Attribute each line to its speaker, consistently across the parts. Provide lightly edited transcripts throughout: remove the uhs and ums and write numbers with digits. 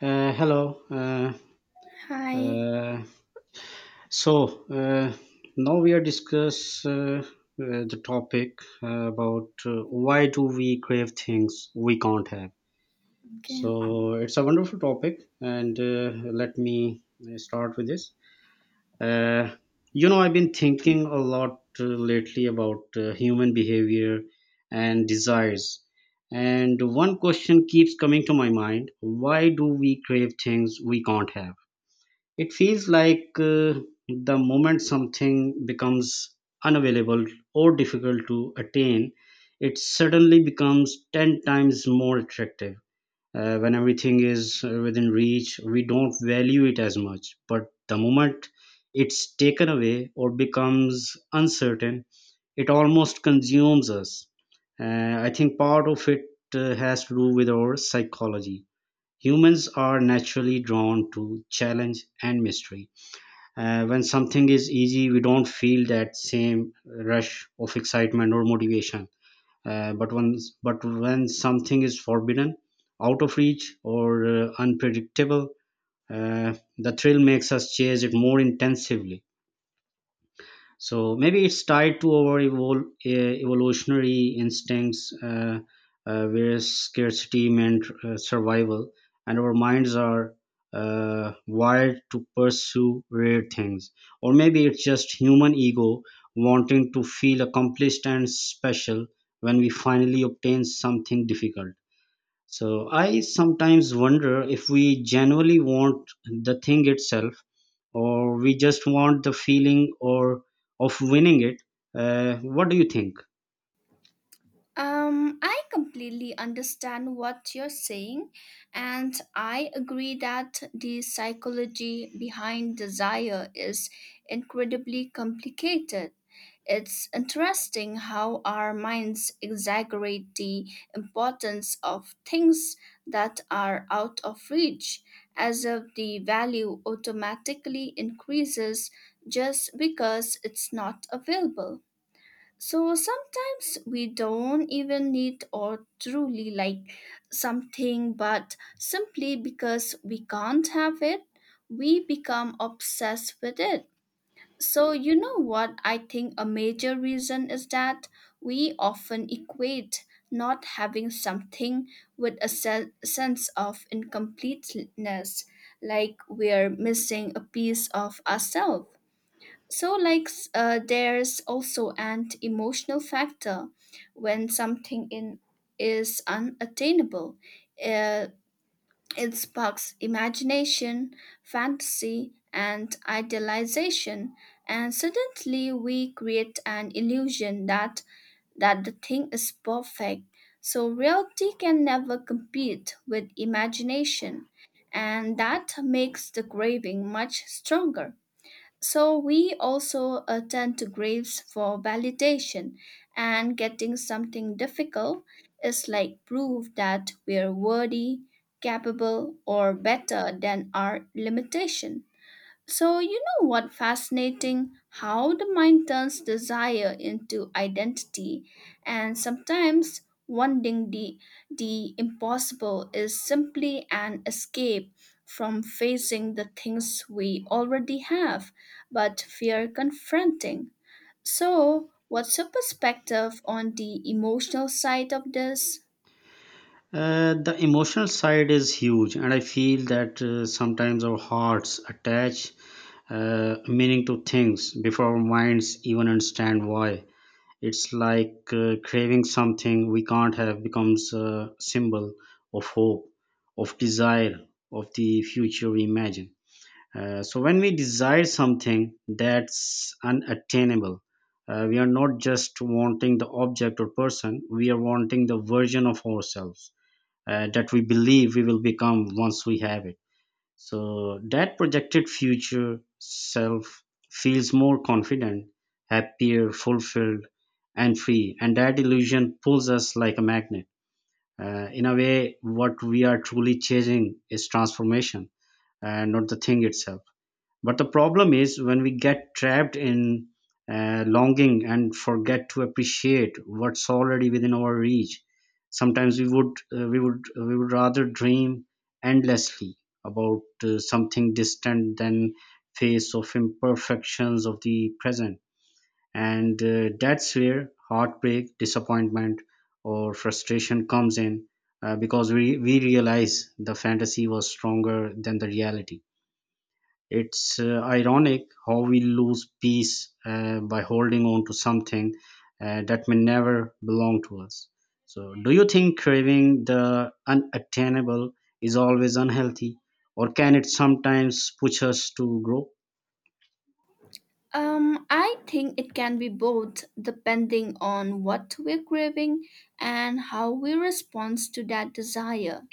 Speaker 1: Hello.
Speaker 2: Hi.
Speaker 1: Uh, so uh, Now we are discuss the topic about why do we crave things we can't have.
Speaker 2: Okay.
Speaker 1: So it's a wonderful topic, and let me start with this. Uh, I've been thinking a lot lately about human behavior and desires. And one question keeps coming to my mind, why do we crave things we can't have? It feels like the moment something becomes unavailable or difficult to attain, it suddenly becomes 10 times more attractive. When everything is within reach, we don't value it as much. But the moment it's taken away or becomes uncertain, it almost consumes us. I think part of it has to do with our psychology. Humans are naturally drawn to challenge and mystery. When something is easy, we don't feel that same rush of excitement or motivation. Uh, but when but when something is forbidden, out of reach, or unpredictable, the thrill makes us chase it more intensively. So maybe it's tied to our evolutionary instincts, where scarcity meant survival, and our minds are wired to pursue rare things. Or maybe it's just human ego wanting to feel accomplished and special when we finally obtain something difficult. So I sometimes wonder if we genuinely want the thing itself, or we just want the feeling or of winning it. What do you think?
Speaker 2: I completely understand what you're saying, and I agree that the psychology behind desire is incredibly complicated. It's interesting how our minds exaggerate the importance of things that are out of reach, as if the value automatically increases just because it's not available. So sometimes we don't even need or truly like something, but simply because we can't have it, we become obsessed with it. So, you know what? I think a major reason is that we often equate not having something with a sense of incompleteness, like we're missing a piece of ourselves. So, like, there's also an emotional factor when something in is unattainable. Uh, it sparks imagination, fantasy, and idealization, and suddenly we create an illusion that the thing is perfect. So reality can never compete with imagination, and that makes the craving much stronger. So we also attend to graves for validation, and getting something difficult is like proof that we're worthy, capable, or better than our limitation. So, you know what, fascinating how the mind turns desire into identity, and sometimes wanting the impossible is simply an escape from facing the things we already have but fear confronting. So, what's your perspective on the emotional side of this?
Speaker 1: The emotional side is huge, and I feel that sometimes our hearts attach meaning to things before our minds even understand why. It's like craving something we can't have becomes a symbol of hope, of desire, of the future we imagine. So when we desire something that's unattainable, we are not just wanting the object or person, we are wanting the version of ourselves that we believe we will become once we have it. So that projected future self feels more confident, happier, fulfilled, and free. And that illusion pulls us like a magnet. In a way, what we are truly chasing is transformation and not the thing itself. But the problem is when we get trapped in longing and forget to appreciate what's already within our reach. Sometimes we would rather dream endlessly about something distant than face of imperfections of the present. And that's where heartbreak, disappointment, or frustration comes in, because we realize the fantasy was stronger than the reality. It's ironic how we lose peace by holding on to something that may never belong to us. So, do you think craving the unattainable is always unhealthy, or can it sometimes push us to grow?
Speaker 2: I think it can be both depending on what we're craving and how we respond to that desire.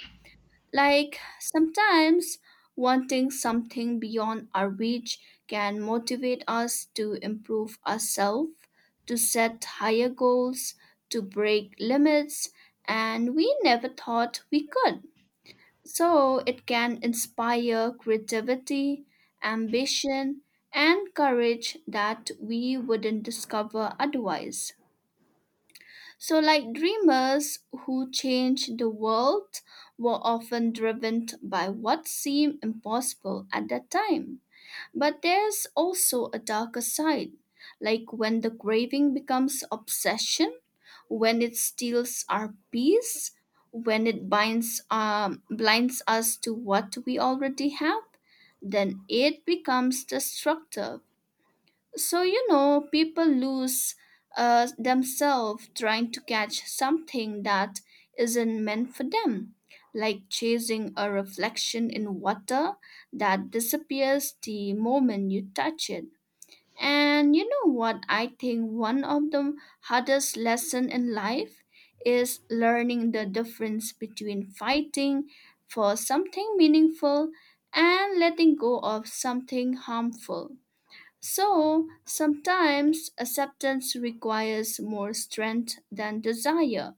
Speaker 2: Like sometimes wanting something beyond our reach can motivate us to improve ourselves, to set higher goals, to break limits, and we never thought we could. So it can inspire creativity, ambition, and courage that we wouldn't discover otherwise. So, like, dreamers who changed the world were often driven by what seemed impossible at that time. But there's also a darker side, like when the craving becomes obsession, when it steals our peace, when it blinds us to what we already have, then it becomes destructive. So, you know, people lose themselves trying to catch something that isn't meant for them, like chasing a reflection in water that disappears the moment you touch it. And you know what? I think one of the hardest lesson in life is learning the difference between fighting for something meaningful and letting go of something harmful. So sometimes acceptance requires more strength than desire.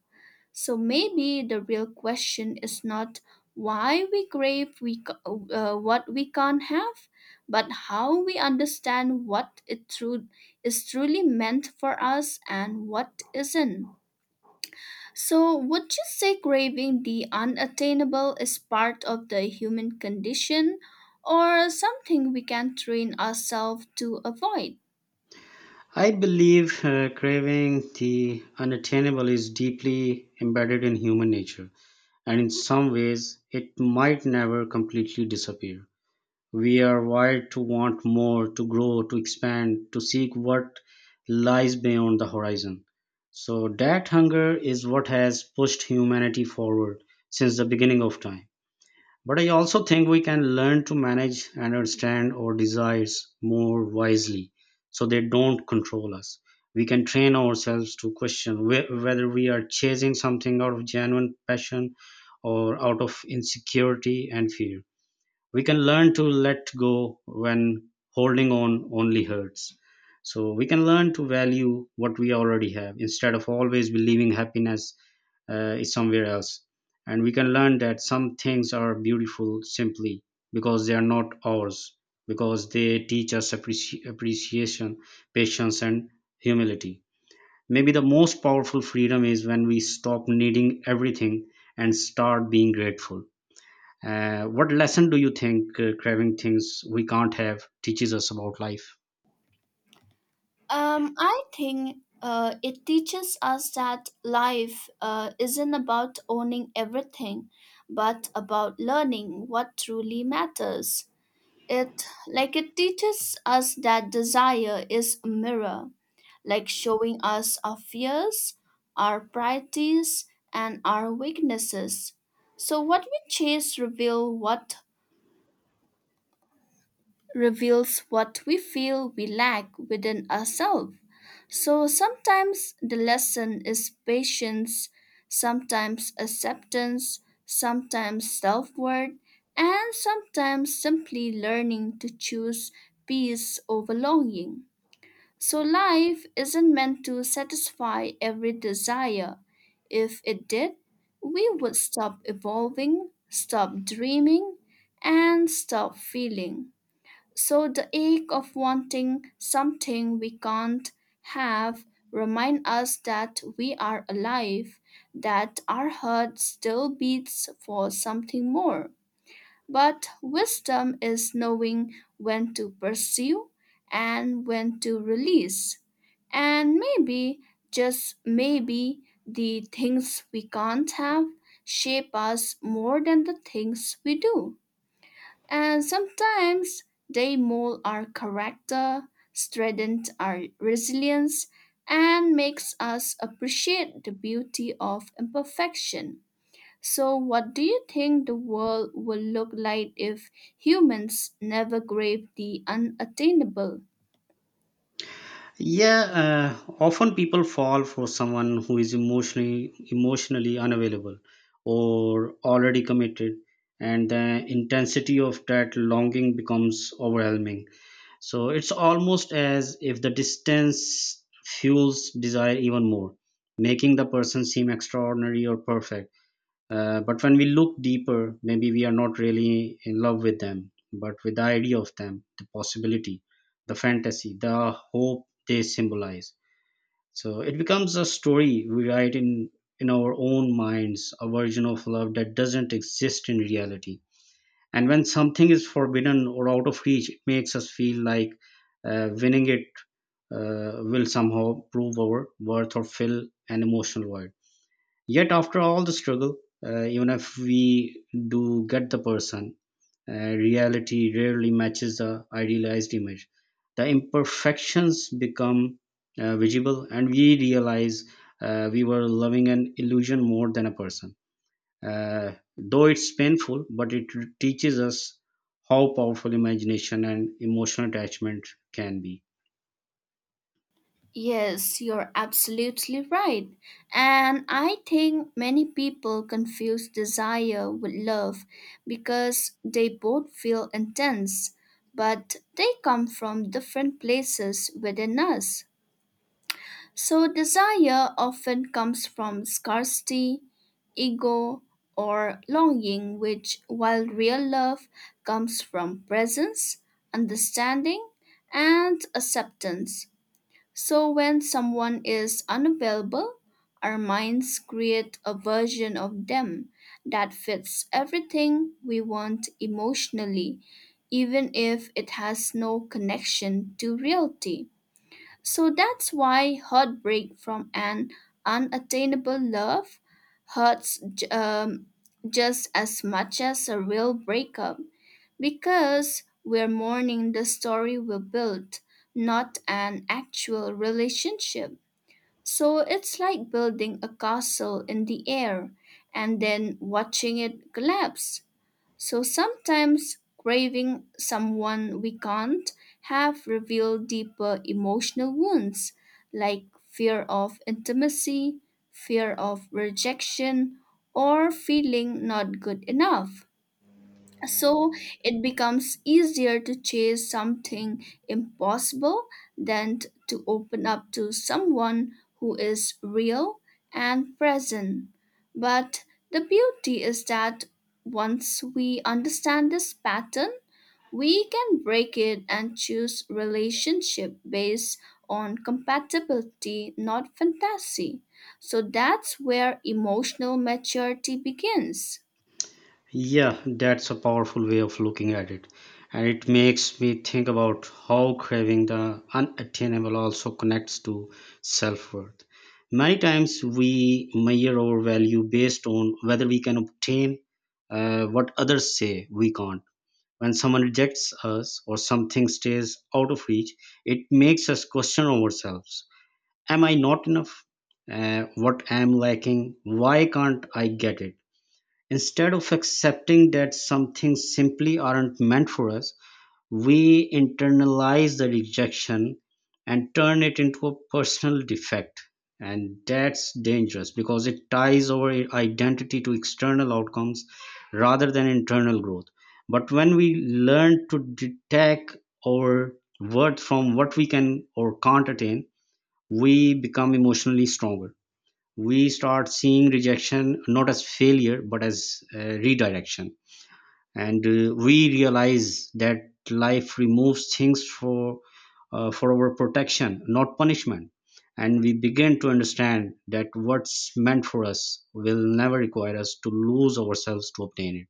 Speaker 2: So maybe the real question is not why we what we can't have, but how we understand what is truly meant for us and what isn't. So, would you say craving the unattainable is part of the human condition or something we can train ourselves to avoid?
Speaker 1: I believe craving the unattainable is deeply embedded in human nature, and in some ways, it might never completely disappear. We are wired to want more, to grow, to expand, to seek what lies beyond the horizon. So, that hunger is what has pushed humanity forward since the beginning of time. But I also think we can learn to manage and understand our desires more wisely so they don't control us. We can train ourselves to question whether we are chasing something out of genuine passion or out of insecurity and fear. We can learn to let go when holding on only hurts. So we can learn to value what we already have instead of always believing happiness is somewhere else, and we can learn that some things are beautiful simply because they are not ours, because they teach us appreciation, patience, and humility. Maybe the most powerful freedom is when we stop needing everything and start being grateful. What lesson do you think craving things we can't have teaches us about life?
Speaker 2: I think it teaches us that life isn't about owning everything, but about learning what truly matters. It like it teaches us that desire is a mirror, like showing us our fears, our priorities, and our weaknesses. So what reveals what we feel we lack within ourselves. So sometimes the lesson is patience, sometimes acceptance, sometimes self worth, and sometimes simply learning to choose peace over longing. So life isn't meant to satisfy every desire. If it did, we would stop evolving, stop dreaming, and stop feeling. So the ache of wanting something we can't have remind us that we are alive, that our heart still beats for something more. But wisdom is knowing when to pursue and when to release. And maybe, just maybe, the things we can't have shape us more than the things we do. And sometimes they mold our character, strengthen our resilience, and makes us appreciate the beauty of imperfection. So what do you think the world will look like if humans never grabbed the unattainable?
Speaker 1: Yeah, often people fall for someone who is emotionally unavailable or already committed, and the intensity of that longing becomes overwhelming. So it's almost as if the distance fuels desire even more, making the person seem extraordinary or perfect. But when we look deeper, maybe we are not really in love with them, but with the idea of them, the possibility, the fantasy, the hope they symbolize. So it becomes a story we in our own minds, a version of love that doesn't exist in reality. And when something is forbidden or out of reach, it makes us feel like winning it will somehow prove our worth or fill an emotional void. Yet, after all the struggle, even if we do get the person, reality rarely matches the idealized image. The imperfections become visible, and we realize we were loving an illusion more than a person. Uh, though it's painful, but it teaches us how powerful imagination and emotional attachment can be.
Speaker 2: Yes, you're absolutely right. And I think many people confuse desire with love because they both feel intense, but they come from different places within us. So, desire often comes from scarcity, ego, or longing, which, while real love comes from presence, understanding, and acceptance. So when someone is unavailable, our minds create a version of them that fits everything we want emotionally, even if it has no connection to reality. So that's why heartbreak from an unattainable love hurts just as much as a real breakup, because we're mourning the story we built, not an actual relationship. So it's like building a castle in the air and then watching it collapse. So sometimes craving someone we can't have revealed deeper emotional wounds, like fear of intimacy, fear of rejection, or feeling not good enough. So it becomes easier to chase something impossible than to open up to someone who is real and present. But the beauty is that once we understand this pattern, we can break it and choose relationship based on compatibility, not fantasy. So that's where emotional maturity begins.
Speaker 1: Yeah, that's a powerful way of looking at it. And it makes me think about how craving the unattainable also connects to self worth. Many times we measure our value based on whether we can obtain what others say we can't. When someone rejects us or something stays out of reach, it makes us question ourselves. Am I not enough? What am lacking? Why can't I get it? Instead of accepting that some things simply aren't meant for us, we internalize the rejection and turn it into a personal defect. And that's dangerous because it ties our identity to external outcomes rather than internal growth. But when we learn to detach our worth from what we can or can't attain, we become emotionally stronger. We start seeing rejection not as failure but as redirection, and we realize that life removes things for our protection, not punishment. And we begin to understand that what's meant for us will never require us to lose ourselves to obtain it.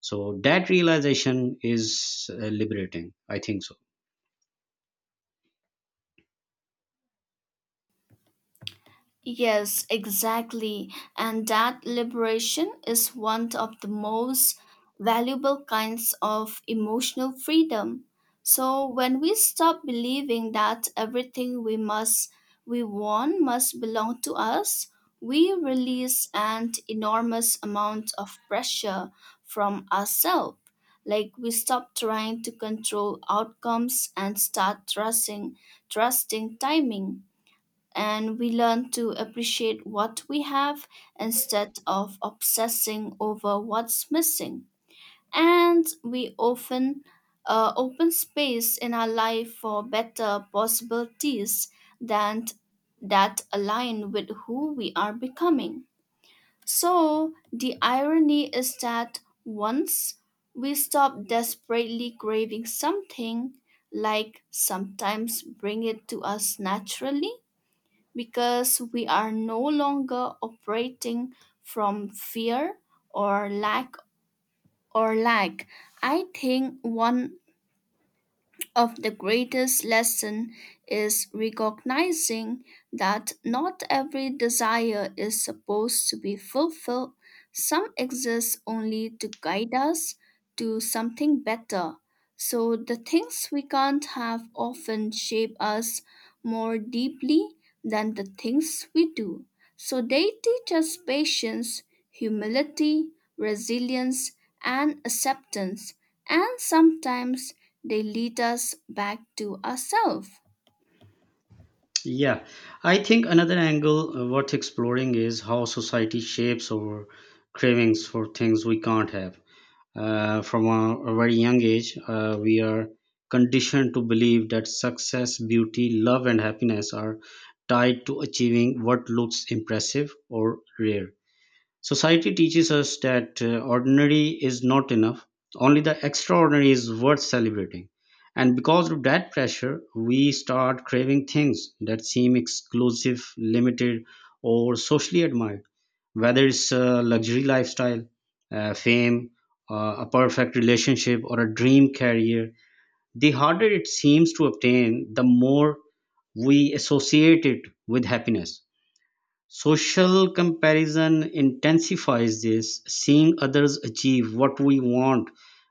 Speaker 1: So that realization is liberating, I think so.
Speaker 2: Yes, exactly. And that liberation is one of the most valuable kinds of emotional freedom. So when we stop believing that everything we want must belong to us, we release an enormous amount of pressure from ourselves. Like we stop trying to control outcomes and start trusting timing, and we learn to appreciate what we have instead of obsessing over what's missing. And we often open space in our life for better possibilities than that align with who we are becoming. So the irony is that once we stop desperately craving something, like sometimes bring it to us naturally, because we are no longer operating from fear or lack or lack. I think one of the greatest lesson is recognizing that not every desire is supposed to be fulfilled. Some exist only to guide us to something better. So the things we can't have often shape us more deeply than the things we do. So they teach us patience, humility, resilience, and acceptance, and sometimes they lead us back to ourselves.
Speaker 1: Yeah, I think another angle worth exploring is how society shapes our cravings for things we can't have. From a very young age, we are conditioned to believe that success, beauty, love, and happiness are tied to achieving what looks impressive or rare. Society teaches us that ordinary is not enough, only the extraordinary is worth celebrating. And because of that pressure, we start craving things that seem exclusive, limited, or socially admired, whether it's a luxury lifestyle, fame, a perfect relationship, or a dream career. The harder it seems to obtain, the more we associate it with happiness. Social comparison intensifies this. Seeing others achieve what we want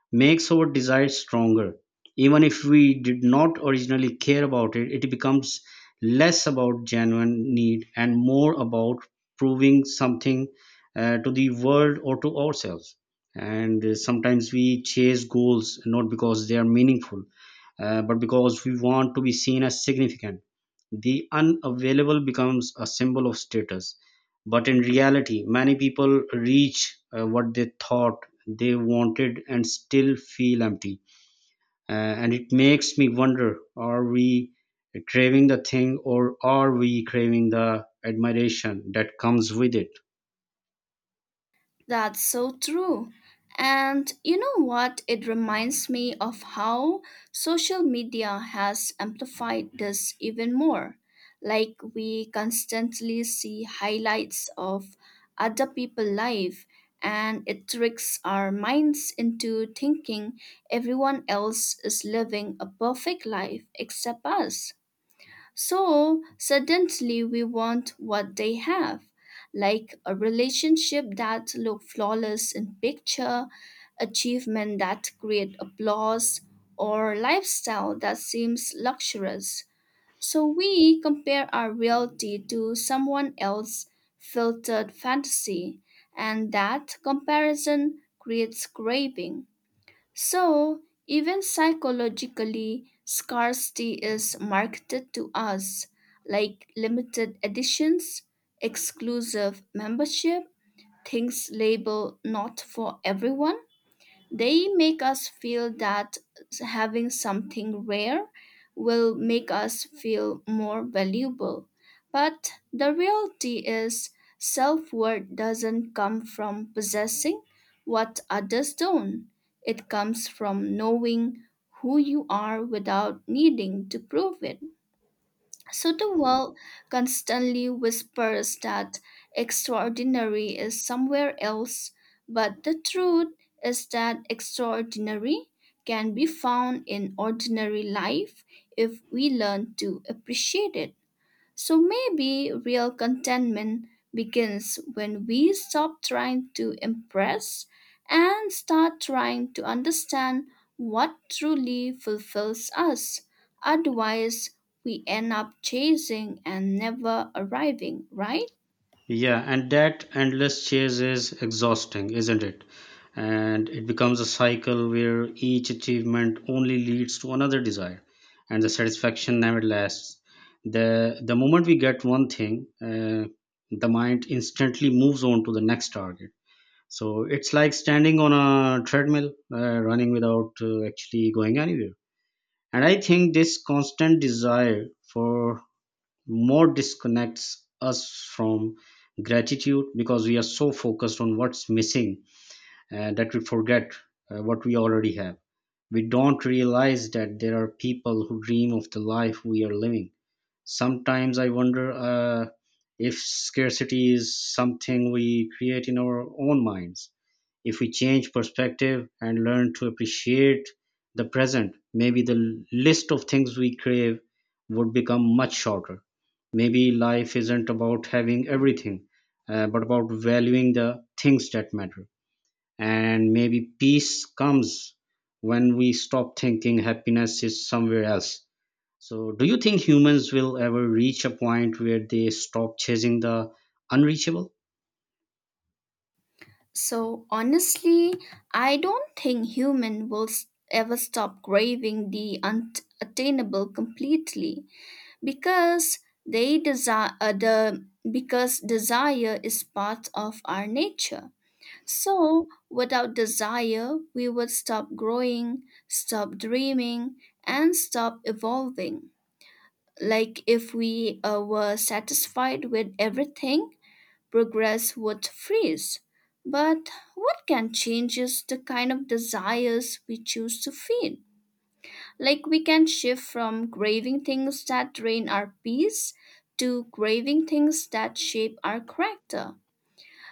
Speaker 1: makes our desire stronger. Even if we did not originally care about it, it becomes less about genuine need and more about proving something to the world or to ourselves. And sometimes we chase goals not because they are meaningful, but because we want to be seen as significant. The unavailable becomes a symbol of status, but in reality, many people reach what they thought they wanted and still feel empty. And it makes me wonder, are we craving the thing or are we craving the admiration that comes with it?
Speaker 2: That's so true. And you know what? It reminds me of how social media has amplified this even more. Like we constantly see highlights of other people's life, and it tricks our minds into thinking everyone else is living a perfect life except us. So suddenly we want what they have, like a relationship that look flawless in picture, achievement that create applause, or lifestyle that seems luxurious. So we compare our reality to someone else's filtered fantasy, and that comparison creates craving. So, even psychologically, scarcity is marketed to us, like limited editions, exclusive membership, things labeled not for everyone. They make us feel that having something rare will make us feel more valuable. But the reality is, self worth doesn't come from possessing what others don't, it comes from knowing who you are without needing to prove it. So the world constantly whispers that extraordinary is somewhere else, but the truth is that extraordinary can be found in ordinary life if we learn to appreciate it. So maybe real contentment begins when we stop trying to impress and start trying to understand what truly fulfills us. Otherwise, we end up chasing and never arriving, right?
Speaker 1: Yeah, and that endless chase is exhausting, isn't it? And it becomes a cycle where each achievement only leads to another desire, and the satisfaction never lasts. The moment we get one thing, the mind instantly moves on to the next target. So it's like standing on a treadmill, running without actually going anywhere. And I think this constant desire for more disconnects us from gratitude because we are so focused on what's missing that we forget what we already have. We don't realize that there are people who dream of the life we are living. Sometimes I wonder if scarcity is something we create in our own minds. If we change perspective and learn to appreciate the present, maybe the list of things we crave would become much shorter. Maybe life isn't about having everything, but about valuing the things that matter. And maybe peace comes when we stop thinking happiness is somewhere else. So, do you think humans will ever reach a point where they stop chasing the unreachable?
Speaker 2: So honestly, I don't think human will ever stop craving the unattainable completely, because they desire the because desire is part of our nature. So without desire we would stop growing, stop dreaming, and stop evolving. Like if we were satisfied with everything, progress would freeze. But what can change is the kind of desires we choose to feed. Like we can shift from craving things that drain our peace to craving things that shape our character.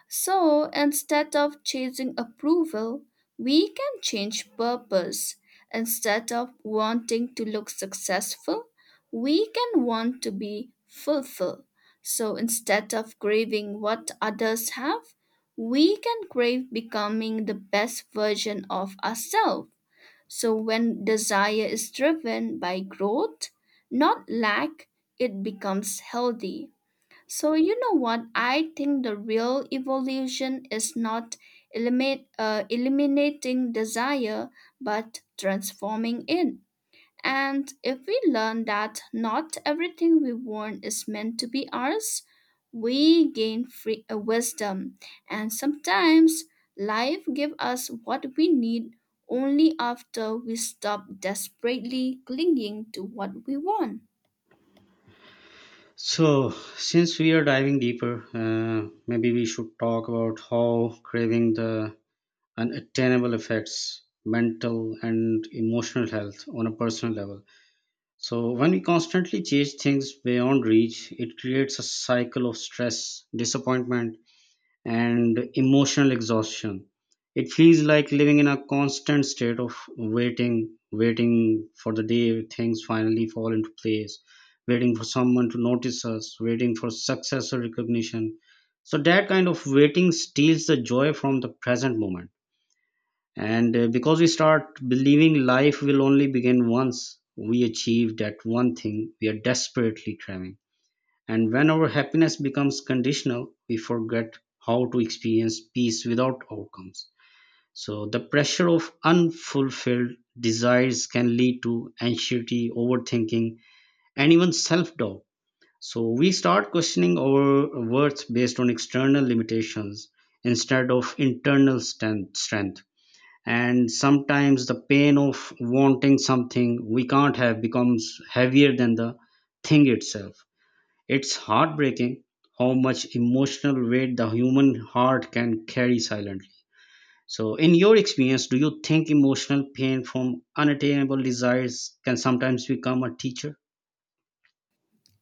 Speaker 2: So instead of chasing approval, we can change purpose. Instead of wanting to look successful, we can want to be fulfilled. So instead of craving what others have, we can crave becoming the best version of ourselves. So when desire is driven by growth, not lack, it becomes healthy. So you know what? I think the real evolution is not eliminating desire, but transforming it. And if we learn that not everything we want is meant to be ours, we gain free wisdom. And sometimes life gives us what we need only after we stop desperately clinging to what we want.
Speaker 1: So, since we are diving deeper, maybe we should talk about how craving the unattainable affects mental and emotional health on a personal level. So, when we constantly chase things beyond reach, it creates a cycle of stress, disappointment, and emotional exhaustion. It feels like living in a constant state of waiting, waiting for the day things finally fall into place, waiting for someone to notice us, waiting for success or recognition. So that kind of waiting steals the joy from the present moment. And because we start believing life will only begin once we achieve that one thing we are desperately craving, and when our happiness becomes conditional, we forget how to experience peace without outcomes. So, the pressure of unfulfilled desires can lead to anxiety, overthinking, and even self doubt. So, we start questioning our worth based on external limitations instead of internal strength. And sometimes the pain of wanting something we can't have becomes heavier than the thing itself. It's heartbreaking how much emotional weight the human heart can carry silently. So, in your experience, do you think emotional pain from unattainable desires can sometimes become a teacher?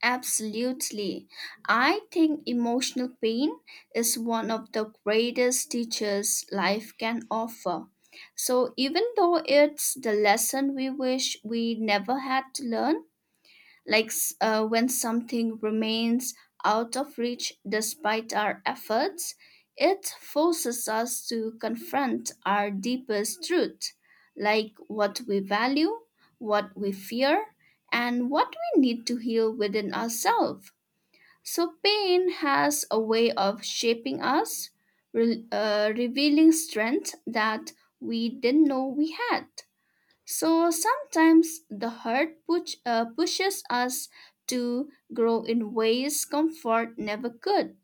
Speaker 2: Absolutely. I think emotional pain is one of the greatest teachers life can offer. So, even though it's the lesson we wish we never had to learn, like when something remains out of reach despite our efforts, it forces us to confront our deepest truth, like what we value, what we fear, and what we need to heal within ourselves. So, pain has a way of shaping us, revealing strength that we didn't know we had. So sometimes the pushes us to grow in ways comfort never could.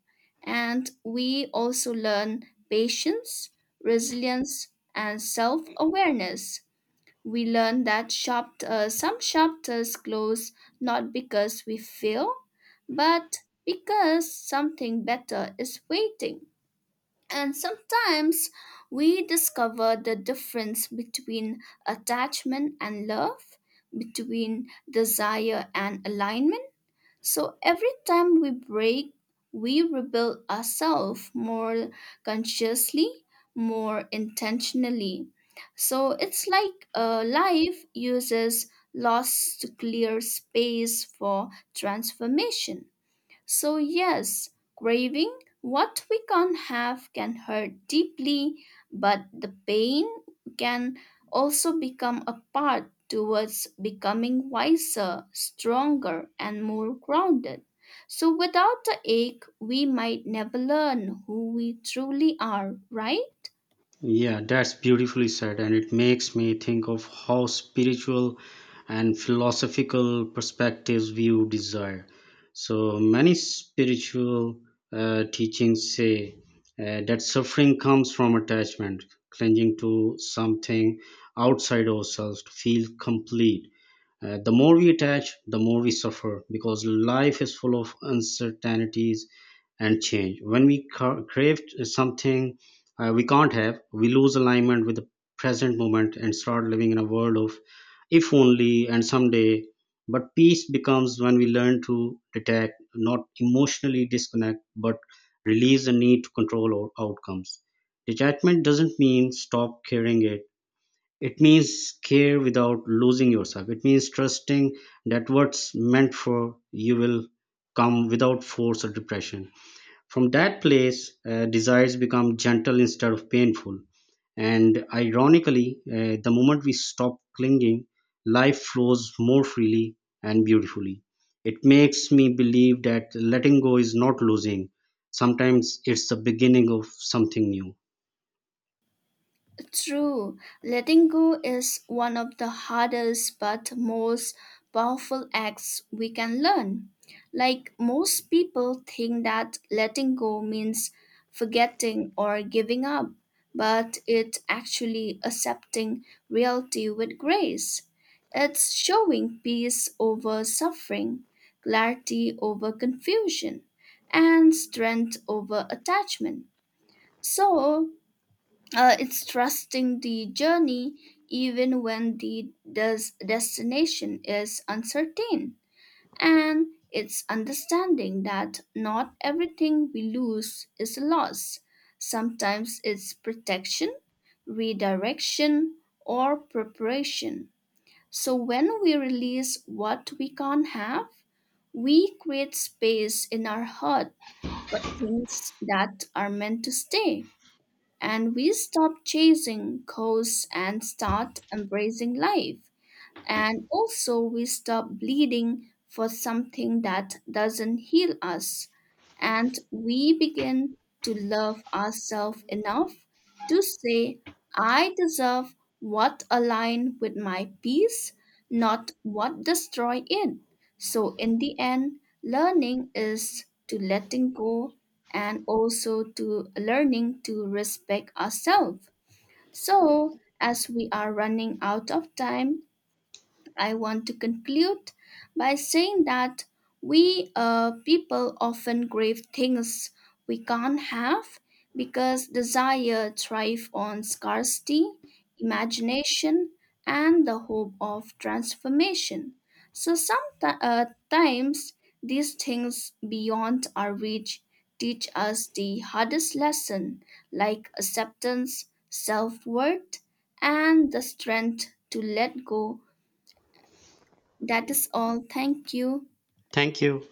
Speaker 2: And we also learn patience, resilience, and self awareness. We learn that some chapters close not because we fail, but because something better is waiting. And sometimes we discover the difference between attachment and love, between desire and alignment. So every time we break, we rebuild ourselves more consciously, more intentionally. So it's like life uses loss to clear space for transformation. So, yes, craving what we can't have can hurt deeply, but the pain can also become a path towards becoming wiser, stronger, and more grounded. So, without the ache, we might never learn who we truly are, right?
Speaker 1: Yeah, that's beautifully said, and it makes me think of how spiritual and philosophical perspectives view desire. So many spiritual teachings say that suffering comes from attachment, clinging to something outside ourselves to feel complete. The more we attach, the more we suffer because life is full of uncertainties and change. When we crave something we can't have, we lose alignment with the present moment and start living in a world of if only and someday. But peace becomes when we learn to detect, not emotionally disconnect, but release the need to control our outcomes. Detachment doesn't mean stop caring. It means care without losing yourself. It means trusting that what's meant for you will come without force or depression. From that place, desires become gentle instead of painful. And ironically, the moment we stop clinging, life flows more freely and beautifully. It makes me believe that letting go is not losing. Sometimes it's the beginning of something new.
Speaker 2: True, letting go is one of the hardest but most powerful acts we can learn. Like most people think that letting go means forgetting or giving up, but it's actually accepting reality with grace. It's showing peace over suffering, clarity over confusion, and strength over attachment. So, it's trusting the journey even when the destination is uncertain. And it's understanding that not everything we lose is a loss. Sometimes it's protection, redirection, or preparation. So when we release what we can't have, we create space in our heart for things that are meant to stay, and we stop chasing costs and start embracing life. And also, we stop bleeding for something that doesn't heal us. And we begin to love ourselves enough to say, I deserve what align with my peace, not what destroy it. So, in the end, learning is to letting go, and also to learning to respect ourselves. So, as we are running out of time, I want to conclude by saying that we people often crave things we can't have because desire thrives on scarcity, imagination, and the hope of transformation. So sometimes times these things beyond our reach teach us the hardest lesson, like acceptance, self-worth, and the strength to let go. That is all. Thank you.
Speaker 1: Thank you.